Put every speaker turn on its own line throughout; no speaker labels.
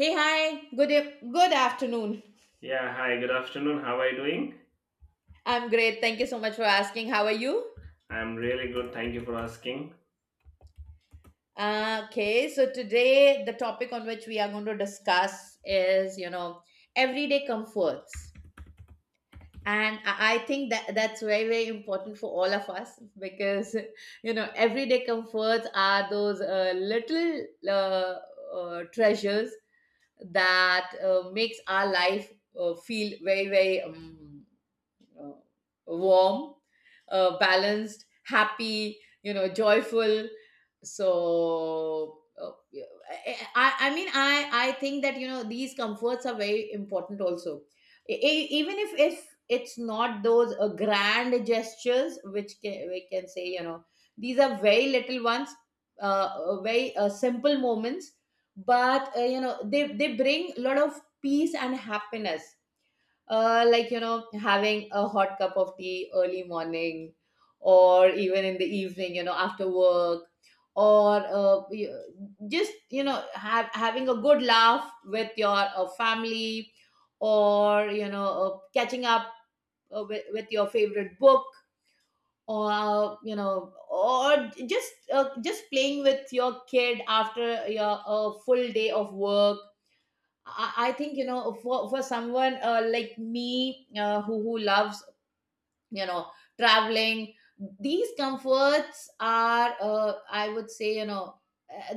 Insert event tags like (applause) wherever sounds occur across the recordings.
Hey, hi. Good afternoon.
Yeah, hi, good afternoon. How are you doing?
I'm great. Thank you so much for asking. How are you?
I'm really good. Thank you for asking.
Okay, so today the topic on which we are going to discuss is everyday comforts. And I think that that's very, very important for all of us because everyday comforts are those little treasures that makes our life feel very, very uh, warm, balanced, happy, joyful. So I mean, I think that these comforts are very important also. Even if it's not those grand gestures, we can say, these are very little ones, very simple moments, but they bring a lot of peace and happiness, like, having a hot cup of tea early morning, or even in the evening, after work, or just, having a good laugh with your family, or catching up with your favorite book, or just playing with your kid after your a full day of work. I think for someone like me, who loves you know traveling, these comforts are, I would say, uh,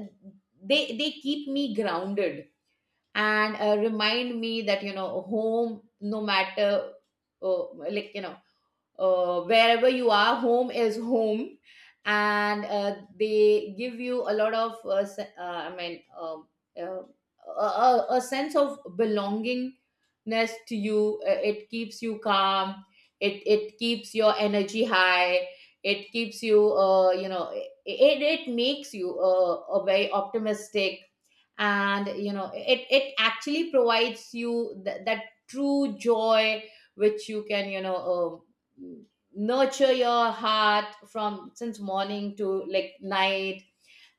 they keep me grounded, and remind me that home, no matter uh, like, wherever you are, home is home, and they give you a lot of, I mean, uh, a sense of belongingness to you. It keeps you calm. It keeps your energy high. It keeps you, you know, it makes you a very optimistic, and it actually provides you that true joy, which you can nurture your heart from since morning to like night,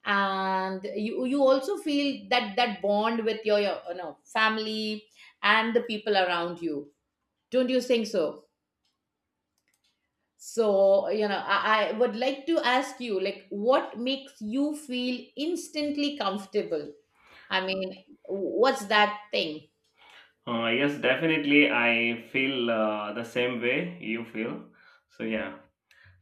and you also feel that that bond with your family and the people around you. Don't you think so? So I would like to ask you, like, what makes you feel instantly comfortable. I mean, what's that thing?
Yes, definitely. I feel the same way you feel. So, yeah.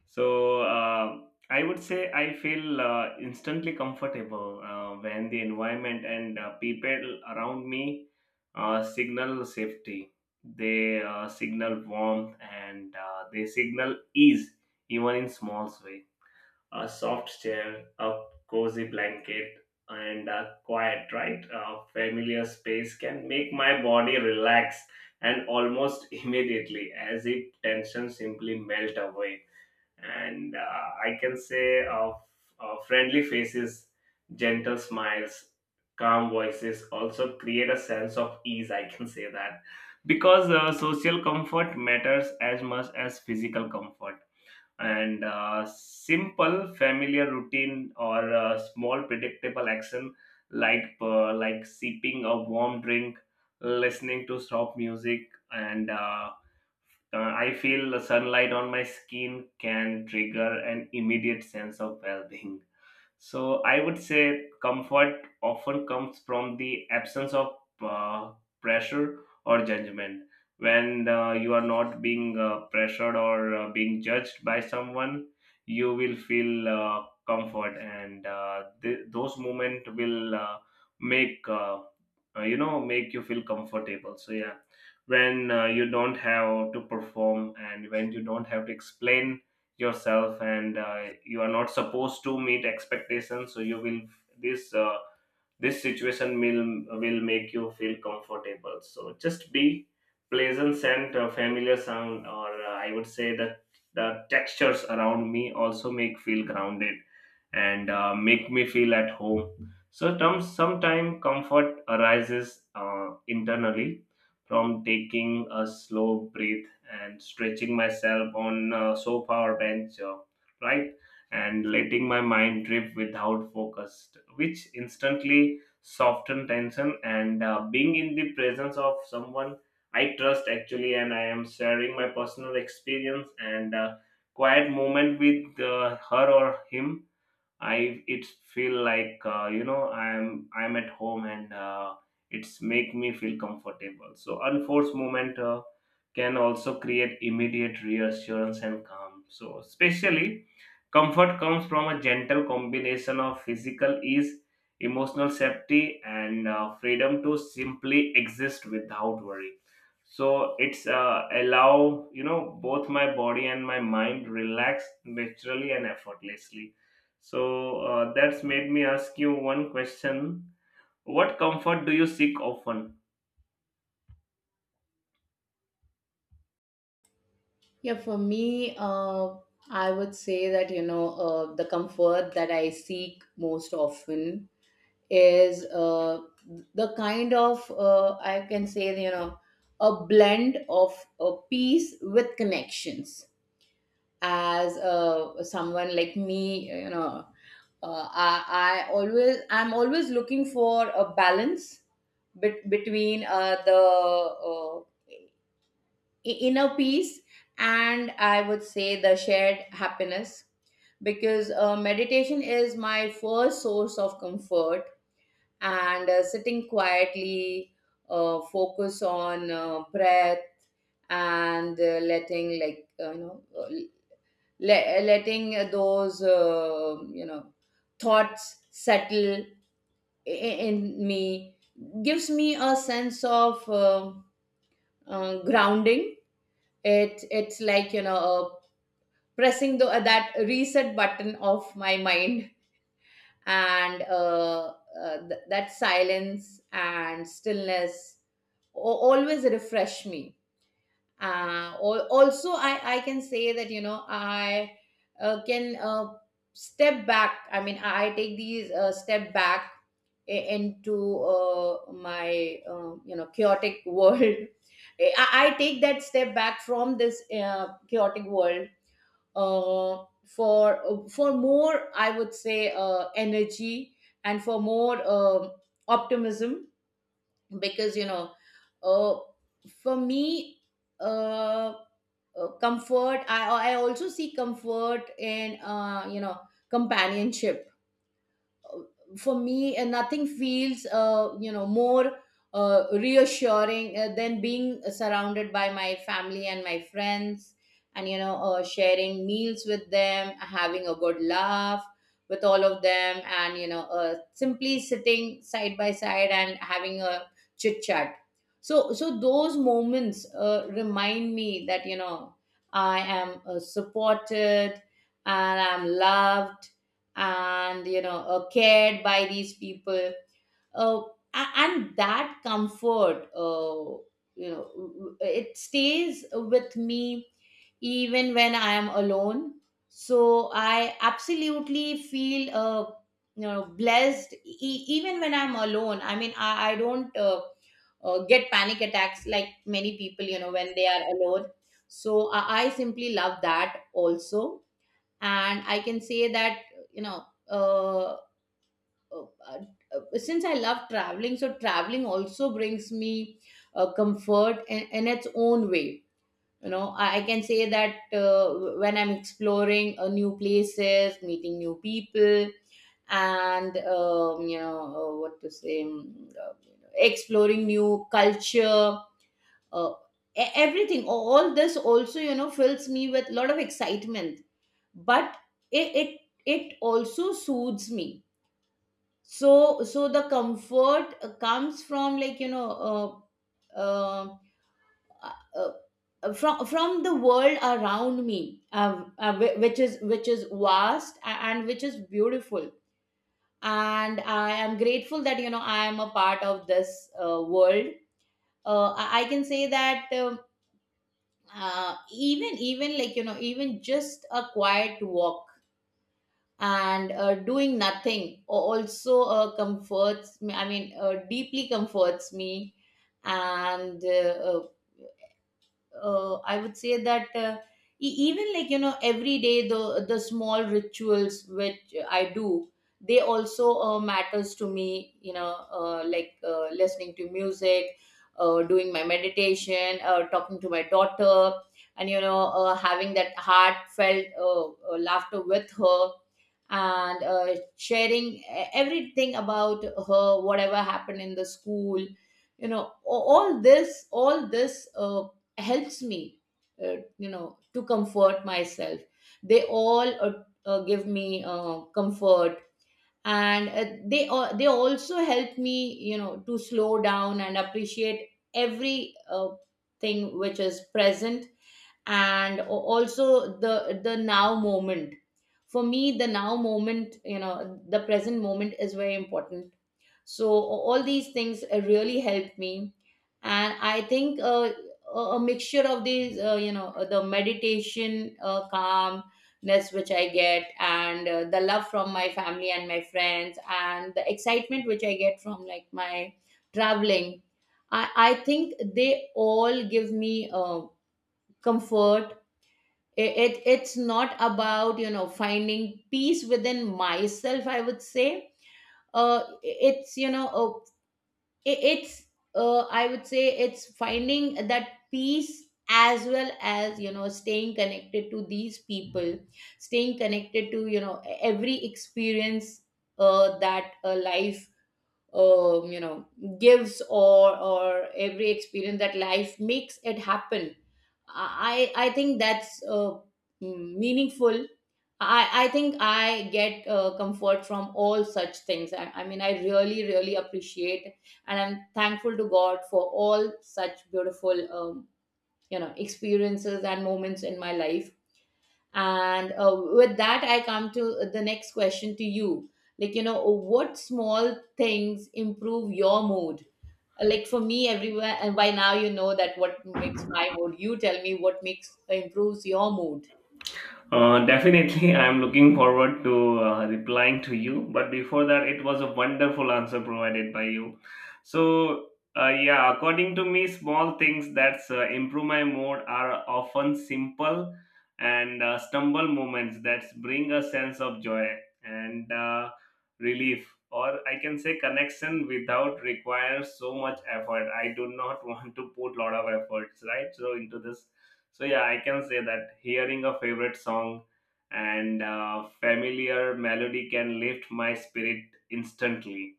So, uh, I would say I feel instantly comfortable when the environment and people around me signal safety. They signal warmth and they signal ease, even in small ways. A soft chair, a cozy blanket, and a quiet, right? A familiar space can make my body relax and almost (laughs) immediately as if tension simply melt away. And I can say of friendly faces, gentle smiles, calm voices also create a sense of ease. I can say that because social comfort matters as much as physical comfort and simple familiar routine or small predictable action like sipping a warm drink, listening to soft music, and I feel the sunlight on my skin can trigger an immediate sense of well-being. So I would say comfort often comes from the absence of uh, pressure or judgment. When you are not being pressured or being judged by someone, you will feel comfort, and those moments will make uh, make you feel comfortable. So yeah, when you don't have to perform and when you don't have to explain yourself, and you are not supposed to meet expectations, so you will, this uh, this situation will make you feel comfortable. So just be, pleasant scent, a familiar sound, or I would say that the textures around me also make feel grounded and make me feel at home. So term, sometimes comfort arises internally from taking a slow breath and stretching myself on a sofa or bench, right, and letting my mind drift without focus, which instantly soften tension. And being in the presence of someone I trust actually, and I am sharing my personal experience, and quiet moment with her or him, I it feel like I'm at home and it's make me feel comfortable. So unforced movement can also create immediate reassurance and calm. So especially comfort comes from a gentle combination of physical ease, emotional safety, and freedom to simply exist without worry. So it's allow you know both my body and my mind relax naturally and effortlessly. So that's made me ask you one question. What comfort do you seek often?
Yeah, for me, I would say that, the comfort that I seek most often is the kind of, I can say, a blend of a peace with connections. As someone like me, I'm always looking for a balance between the inner peace and, I would say, the shared happiness, because meditation is my first source of comfort, and sitting quietly, focus on breath, and letting those thoughts settle in me, gives me a sense of grounding. It's like pressing that reset button of my mind. And that silence and stillness always refresh me. Uh, al- also I can say that I can step back, I mean, I take these step back into my chaotic world. (laughs) I take that step back from this chaotic world for more, I would say, energy, and for more optimism. Because you know, uh, for me, uh, comfort. I also see comfort in companionship. For me, nothing feels more reassuring than being surrounded by my family and my friends, and sharing meals with them, having a good laugh with all of them, and simply sitting side by side and having a chit chat. So those moments remind me that I am supported, and I'm loved, and cared by these people, uh, and that comfort, it stays with me even when I am alone. So I absolutely feel blessed, even when I'm alone. I mean, I don't get panic attacks like many people when they are alone, so I simply love that also. And I can say that you know uh, Oh, since I love traveling, so traveling also brings me comfort in its own way. I can say that when I'm exploring new places, meeting new people, and what to say, exploring new culture, uh, everything. All this also, fills me with a lot of excitement. But it it, it also soothes me. So the comfort comes from, like, uh, uh, uh, from the world around me, which is vast and which is beautiful, and I am grateful that I am a part of this world. I can say that even like even just a quiet walk and doing nothing also comforts me, I mean deeply comforts me. And I would say that even, like, every day, the small rituals which I do, they also matters to me, like listening to music, doing my meditation, talking to my daughter and having that heartfelt laughter with her, and sharing everything about her, whatever happened in the school. you know a- all this helps me, to comfort myself. They all give me comfort, and they also help me to slow down and appreciate every thing which is present, and also the now moment. For me, the now moment, the present moment, is very important. So all these things really help me. And I think a mixture of these, the meditation, calmness which I get, and the love from my family and my friends, and the excitement which I get from, like, my traveling, I think they all give me comfort. It's not about finding peace within myself, I would say. It's you know it, it's I would say it's finding that peace, as well as staying connected to these people, staying connected to every experience that life um, you know gives, or every experience that life makes it happen. I think that's meaningful. I think I get comfort from all such things. I mean I really, really appreciate, and I'm thankful to God for all such beautiful experiences and moments in my life. And with that, I come to the next question to you, like, what small things improve your mood? Like, for me, everywhere, and by now you know that what makes my mood. You tell me what makes improves your mood.
Definitely, (laughs) I'm looking forward to replying to you. But before that, it was a wonderful answer provided by you. So, yeah, according to me, small things that improve my mood are often simple and stumble moments that bring a sense of joy and relief, or I can say connection without require so much effort. I do not (laughs) want to put lot of efforts, right? So into this. So yeah, I can say that hearing a favorite song and familiar melody can lift my spirit instantly,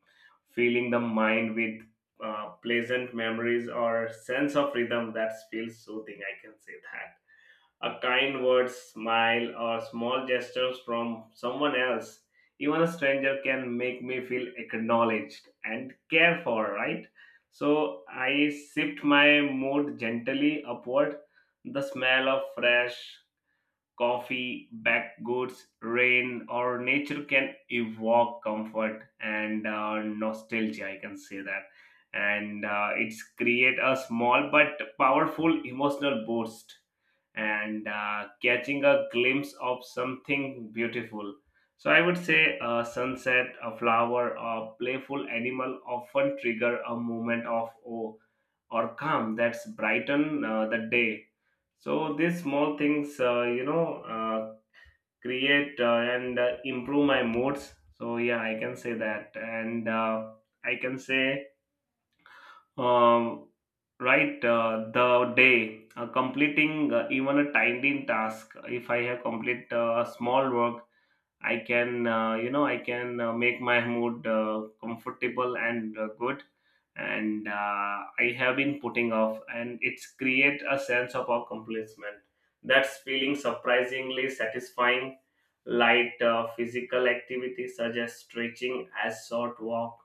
filling the mind with pleasant memories or sense of rhythm that feels soothing. I can say that. A kind word, smile, or small gestures from someone else, even a stranger, can make me feel acknowledged and cared for, right? So I shift my mood gently upward. The smell of fresh coffee, baked goods, rain, or nature can evoke comfort and nostalgia, I can say that. And it's create a small but powerful emotional boost, and catching a glimpse of something beautiful. So I would say a sunset, a flower, a playful animal often trigger a moment of awe or calm that's brighten the day. So these small things, create and improve my moods. So yeah, I can say that, and I can say um, right, the day, completing even a tiny task, if I have complete small work, I can, I can make my mood comfortable and good. And I have been putting off, and it's create a sense of accomplishment. That's feeling surprisingly satisfying. Light physical activity such as stretching, a short walk,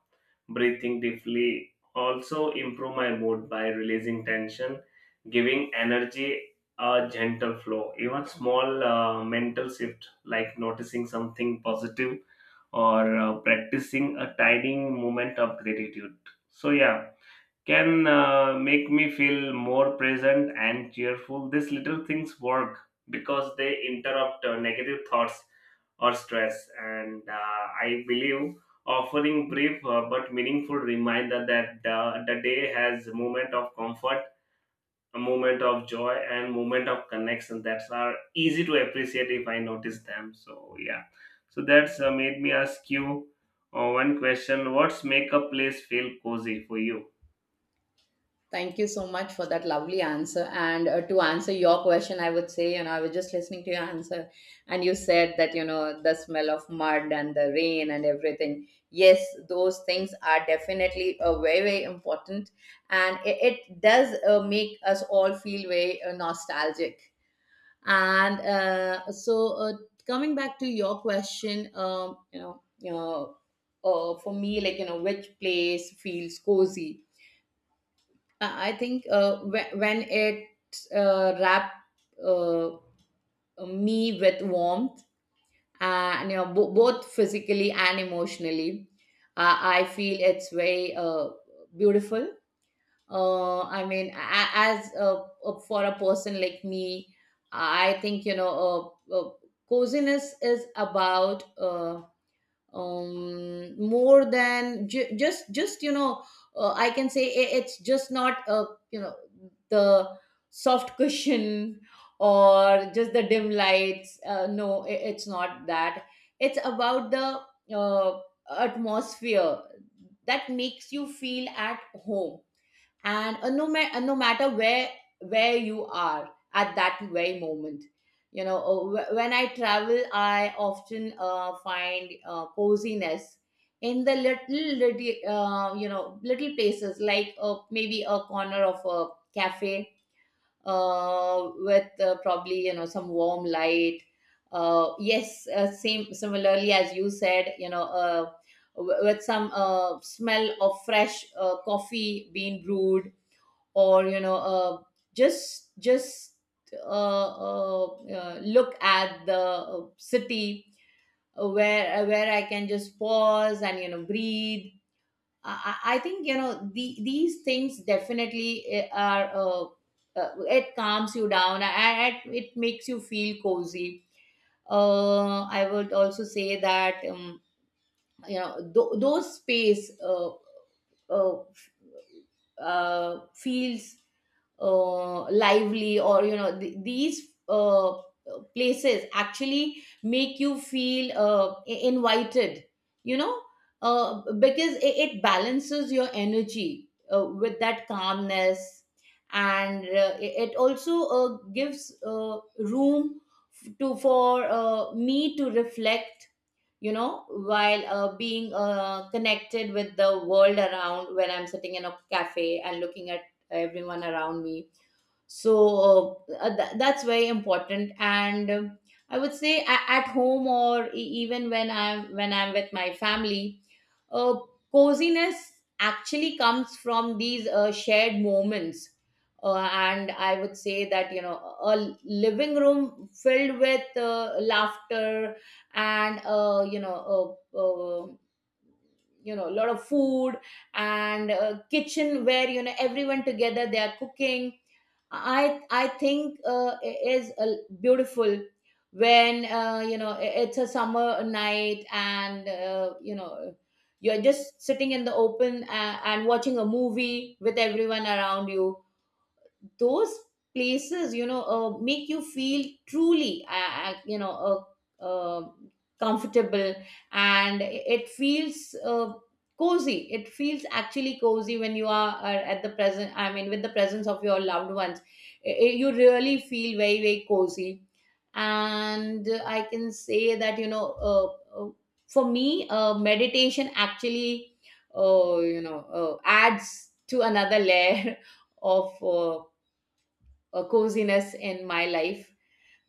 breathing deeply also improve my mood by releasing tension, giving energy a gentle flow. Even small mental shifts like noticing something positive or practicing a tiny moment of gratitude. So, yeah, can make me feel more present and cheerful. These little things work because they interrupt negative thoughts or stress. And I believe offering brief but meaningful reminder that the day has moment of comfort, a moment of joy, and moment of connection that are easy to appreciate if I notice them. So yeah, so that's made me ask you one question: what's make a place feel cozy for you?
Thank you so much for that lovely answer. And to answer your question, I would say, I was just listening to your answer, and you said that, the smell of mud and the rain and everything. Yes, those things are definitely very, very important. And it does make us all feel very nostalgic. And so, coming back to your question, for me, like, which place feels cozy? I think when it wrap uh, me with warmth, and both physically and emotionally, I feel it's very beautiful. I mean, as for a person like me, I think coziness is about. More than just, I can say it's just not a, you know, the soft cushion (laughs) or just the dim lights. No, it's not that. It's about the uh, atmosphere that makes you feel at home. And no, ma- no matter where you are at that very moment. When I travel, I often find coziness in the little, little places, like maybe a corner of a cafe with probably, you know, some warm light. Yes, same, similarly as you said, you know, with some smell of fresh coffee being brewed, or you know, just uh, uh, look at the city where I can just pause and, you know, breathe. I think, you know, these things definitely eh, are it calms you down, and it makes you feel cozy. I would also say that, you know, those space uh, feels lively. Or you know, these places actually make you feel invited, you know, because it balances your energy with that calmness. And it also gives room f- to for me to reflect, you know, while being connected with the world around, when I'm sitting in a cafe and looking at everyone around me. So that's very important. And I would say at home, or even when I'm with my family, uh, coziness actually comes from these shared moments. And I would say that, you know, a living room filled with laughter, and you know, a lot of food, and a kitchen where, you know, everyone together, they are cooking. I think it is beautiful when, you know, it's a summer night, and you know, you're just sitting in the open and watching a movie with everyone around you. Those places, you know, make you feel truly, comfortable. And it feels cozy. It feels actually cozy when you are at the present, I mean, with the presence of your loved ones. You really feel very, very cozy. And I can say that, for me, meditation actually you know, adds to another layer (laughs) of coziness in my life.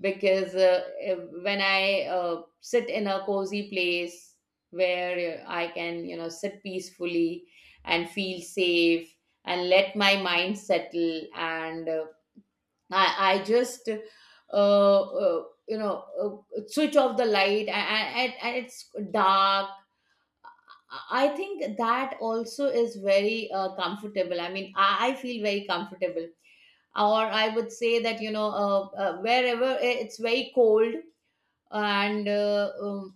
Because when I sit in a cozy place where I can, you know, sit peacefully and feel safe and let my mind settle. And I just, you know, switch off the light, and it's dark. I think that also is very comfortable. I mean, I feel very comfortable. Or I would say that, you know, wherever it's very cold, and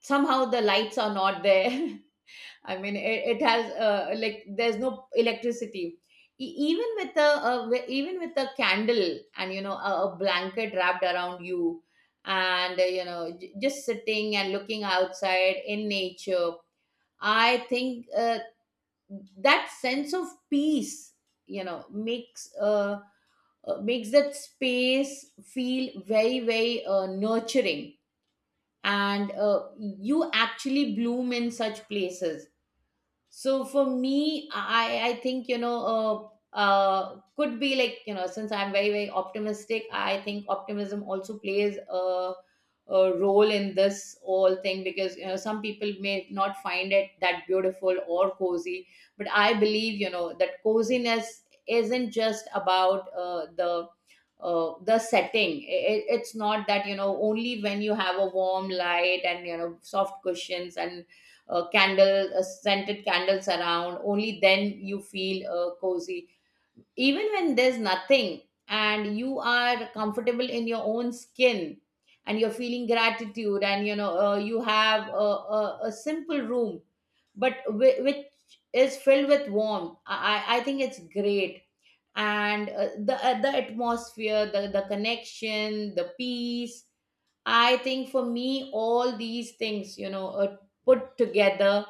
somehow the lights are not there. (laughs) I mean, it has, like, there's no electricity. Even with a, even with a candle, and you know, a blanket wrapped around you, and you know, just sitting and looking outside in nature, I think that sense of peace, you know, makes makes that space feel very, very nurturing, and you actually bloom in such places. So for me, I think, you know, could be, like, you know, since I'm very, very optimistic, I think optimism also plays a role in this whole thing, because, you know, some people may not find it that beautiful or cozy, but I believe, you know, that coziness isn't just about the setting. It's not that, you know, only when you have a warm light, and, you know, soft cushions, and candle scented candles around, only then you feel cozy. Even when there's nothing, and you are comfortable in your own skin, and you're feeling gratitude, and you know, you have a simple room, but which is filled with warmth, I think it's great. And the atmosphere, the connection, the peace. I think for me, all these things, you know, put together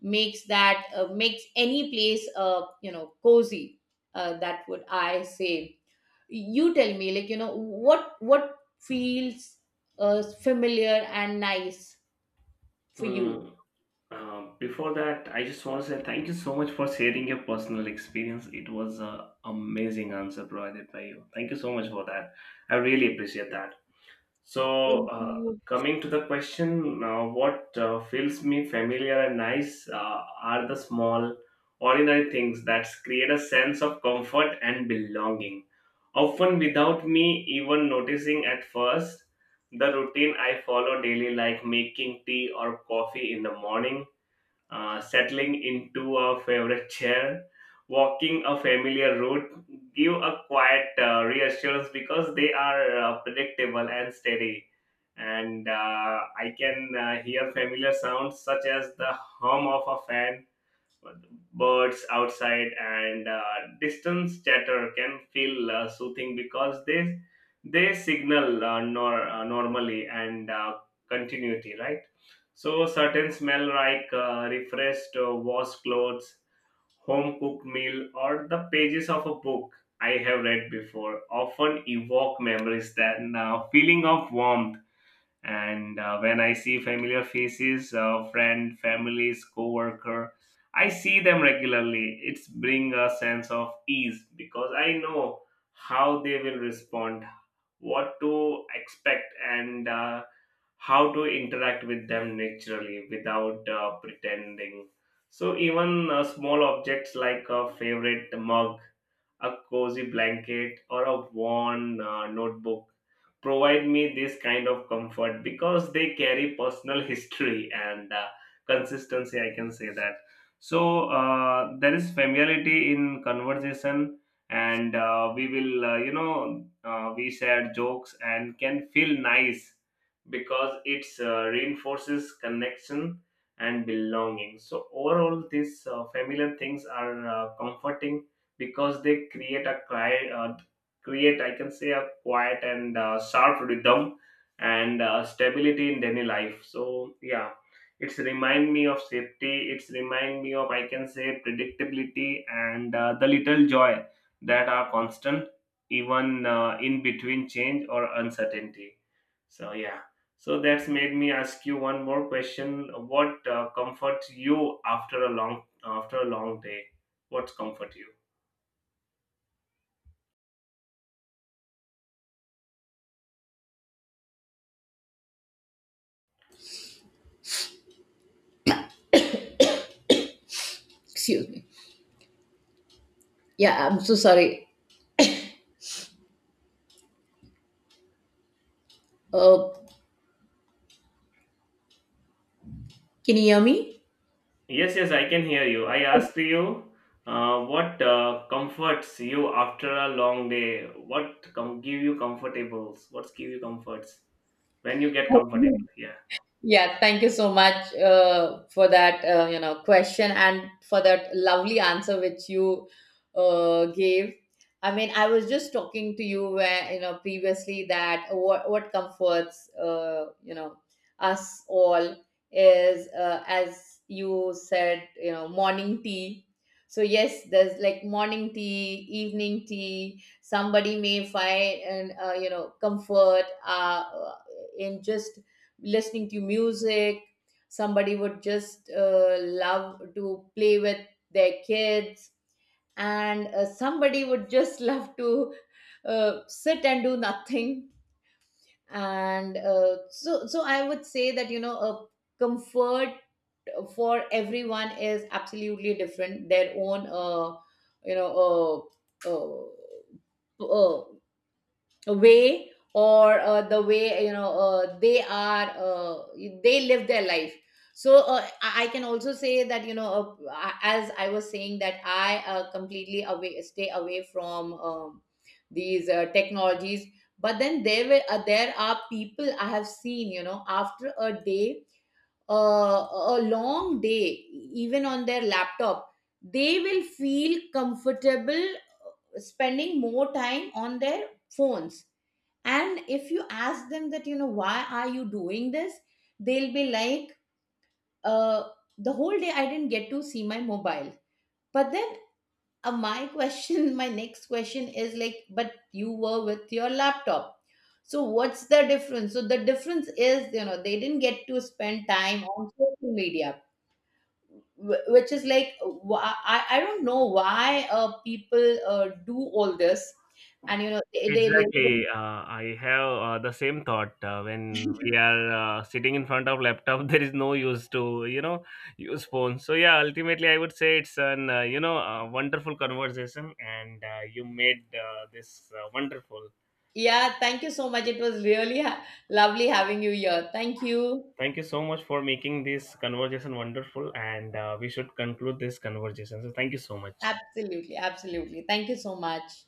makes that makes any place, you know, cozy. That would I say. You tell me, like, you know, what feels familiar and nice for you.
Mm, before that, I just want to say thank you so much for sharing your personal experience. It was an amazing answer provided by you. Thank you so much for that. I really appreciate that. So,
Thank
uh,
you.
coming to the question, what feels me familiar and nice are the small, ordinary things that create a sense of comfort and belonging. Often, without me even noticing at first, the routine I follow daily, like making tea or coffee in the morning, settling into a favorite chair, walking a familiar route, give a quiet reassurance because they are predictable and steady. And I can hear familiar sounds such as the hum of a fan, birds outside, and distance chatter can feel soothing because they signal nor, normally and continuity, right? So certain smell like refreshed, washed clothes, home cooked meal, or the pages of a book I have read before often evoke memories that feeling of warmth. And when I see familiar faces, friend, families, co-worker, I see them regularly, it's bring a sense of ease because I know how they will respond, what to expect, and how to interact with them naturally without pretending. So even small objects like a favorite mug, a cozy blanket, or a worn notebook provide me this kind of comfort because they carry personal history and consistency. I can say that. So there is familiarity in conversation, and we will, you know, we share jokes and can feel nice because it's reinforces connection and belonging. So overall, these familiar things are comforting because they create a create I can say a quiet and sharp rhythm and stability in daily life. So yeah, it's remind me of safety. It's remind me of I can say predictability and the little joy that are constant even in between change or uncertainty. So yeah. So that's made me ask you one more question. What comforts you after a long day? What's comfort you?
Excuse me. Yeah, I'm so sorry. Uh, can you hear me?
Yes, yes, I can hear you. I
Oh,
asked you what comforts you after a long day. What give you comfortables? What give you comforts when you get comfortable?
oh,
Yeah.
yeah, thank you so much for that, you know, question, and for that lovely answer which you gave. I mean, I was just talking to you, where you know, previously, that what comforts, you know, us all is, as you said, you know, morning tea. So yes, there's like morning tea, evening tea. Somebody may find, and you know, comfort in just listening to music. Somebody would just love to play with their kids, and somebody would just (laughs) love to sit and do nothing. And so I would say that, you know, a comfort for everyone is absolutely different, their own you know uh, uh, uh, way, or the way, you know, they are they live their life. So I can also say that, you know, as I was saying, that I completely away stay away from these technologies. But then there were there are people I have seen, you know, after a day, uh, a long day, even on their laptop, they will feel comfortable spending more time on their phones. And if you ask them that, you know, why are you doing this, they'll be like, uh the whole day I didn't get to see my mobile. But then, my question, (laughs) my next question is, like, but you were with your laptop, so what's the difference? So the difference is, you know, they didn't get to spend time on social media, which is like, why, I don't know why people do all this. And, you know, they really
Exactly.
don't.
I have the same thought when we
(laughs)
are sitting in front of laptop. (laughs) There is no use to you know use phone. So yeah, ultimately I would say it's an a wonderful conversation, and you made this wonderful.
Yeah, thank you so much. It was really lovely having you here. Thank you.
Thank you so much for making this conversation wonderful, and we should conclude this conversation. So, thank you so much.
Absolutely, absolutely. Thank you so much.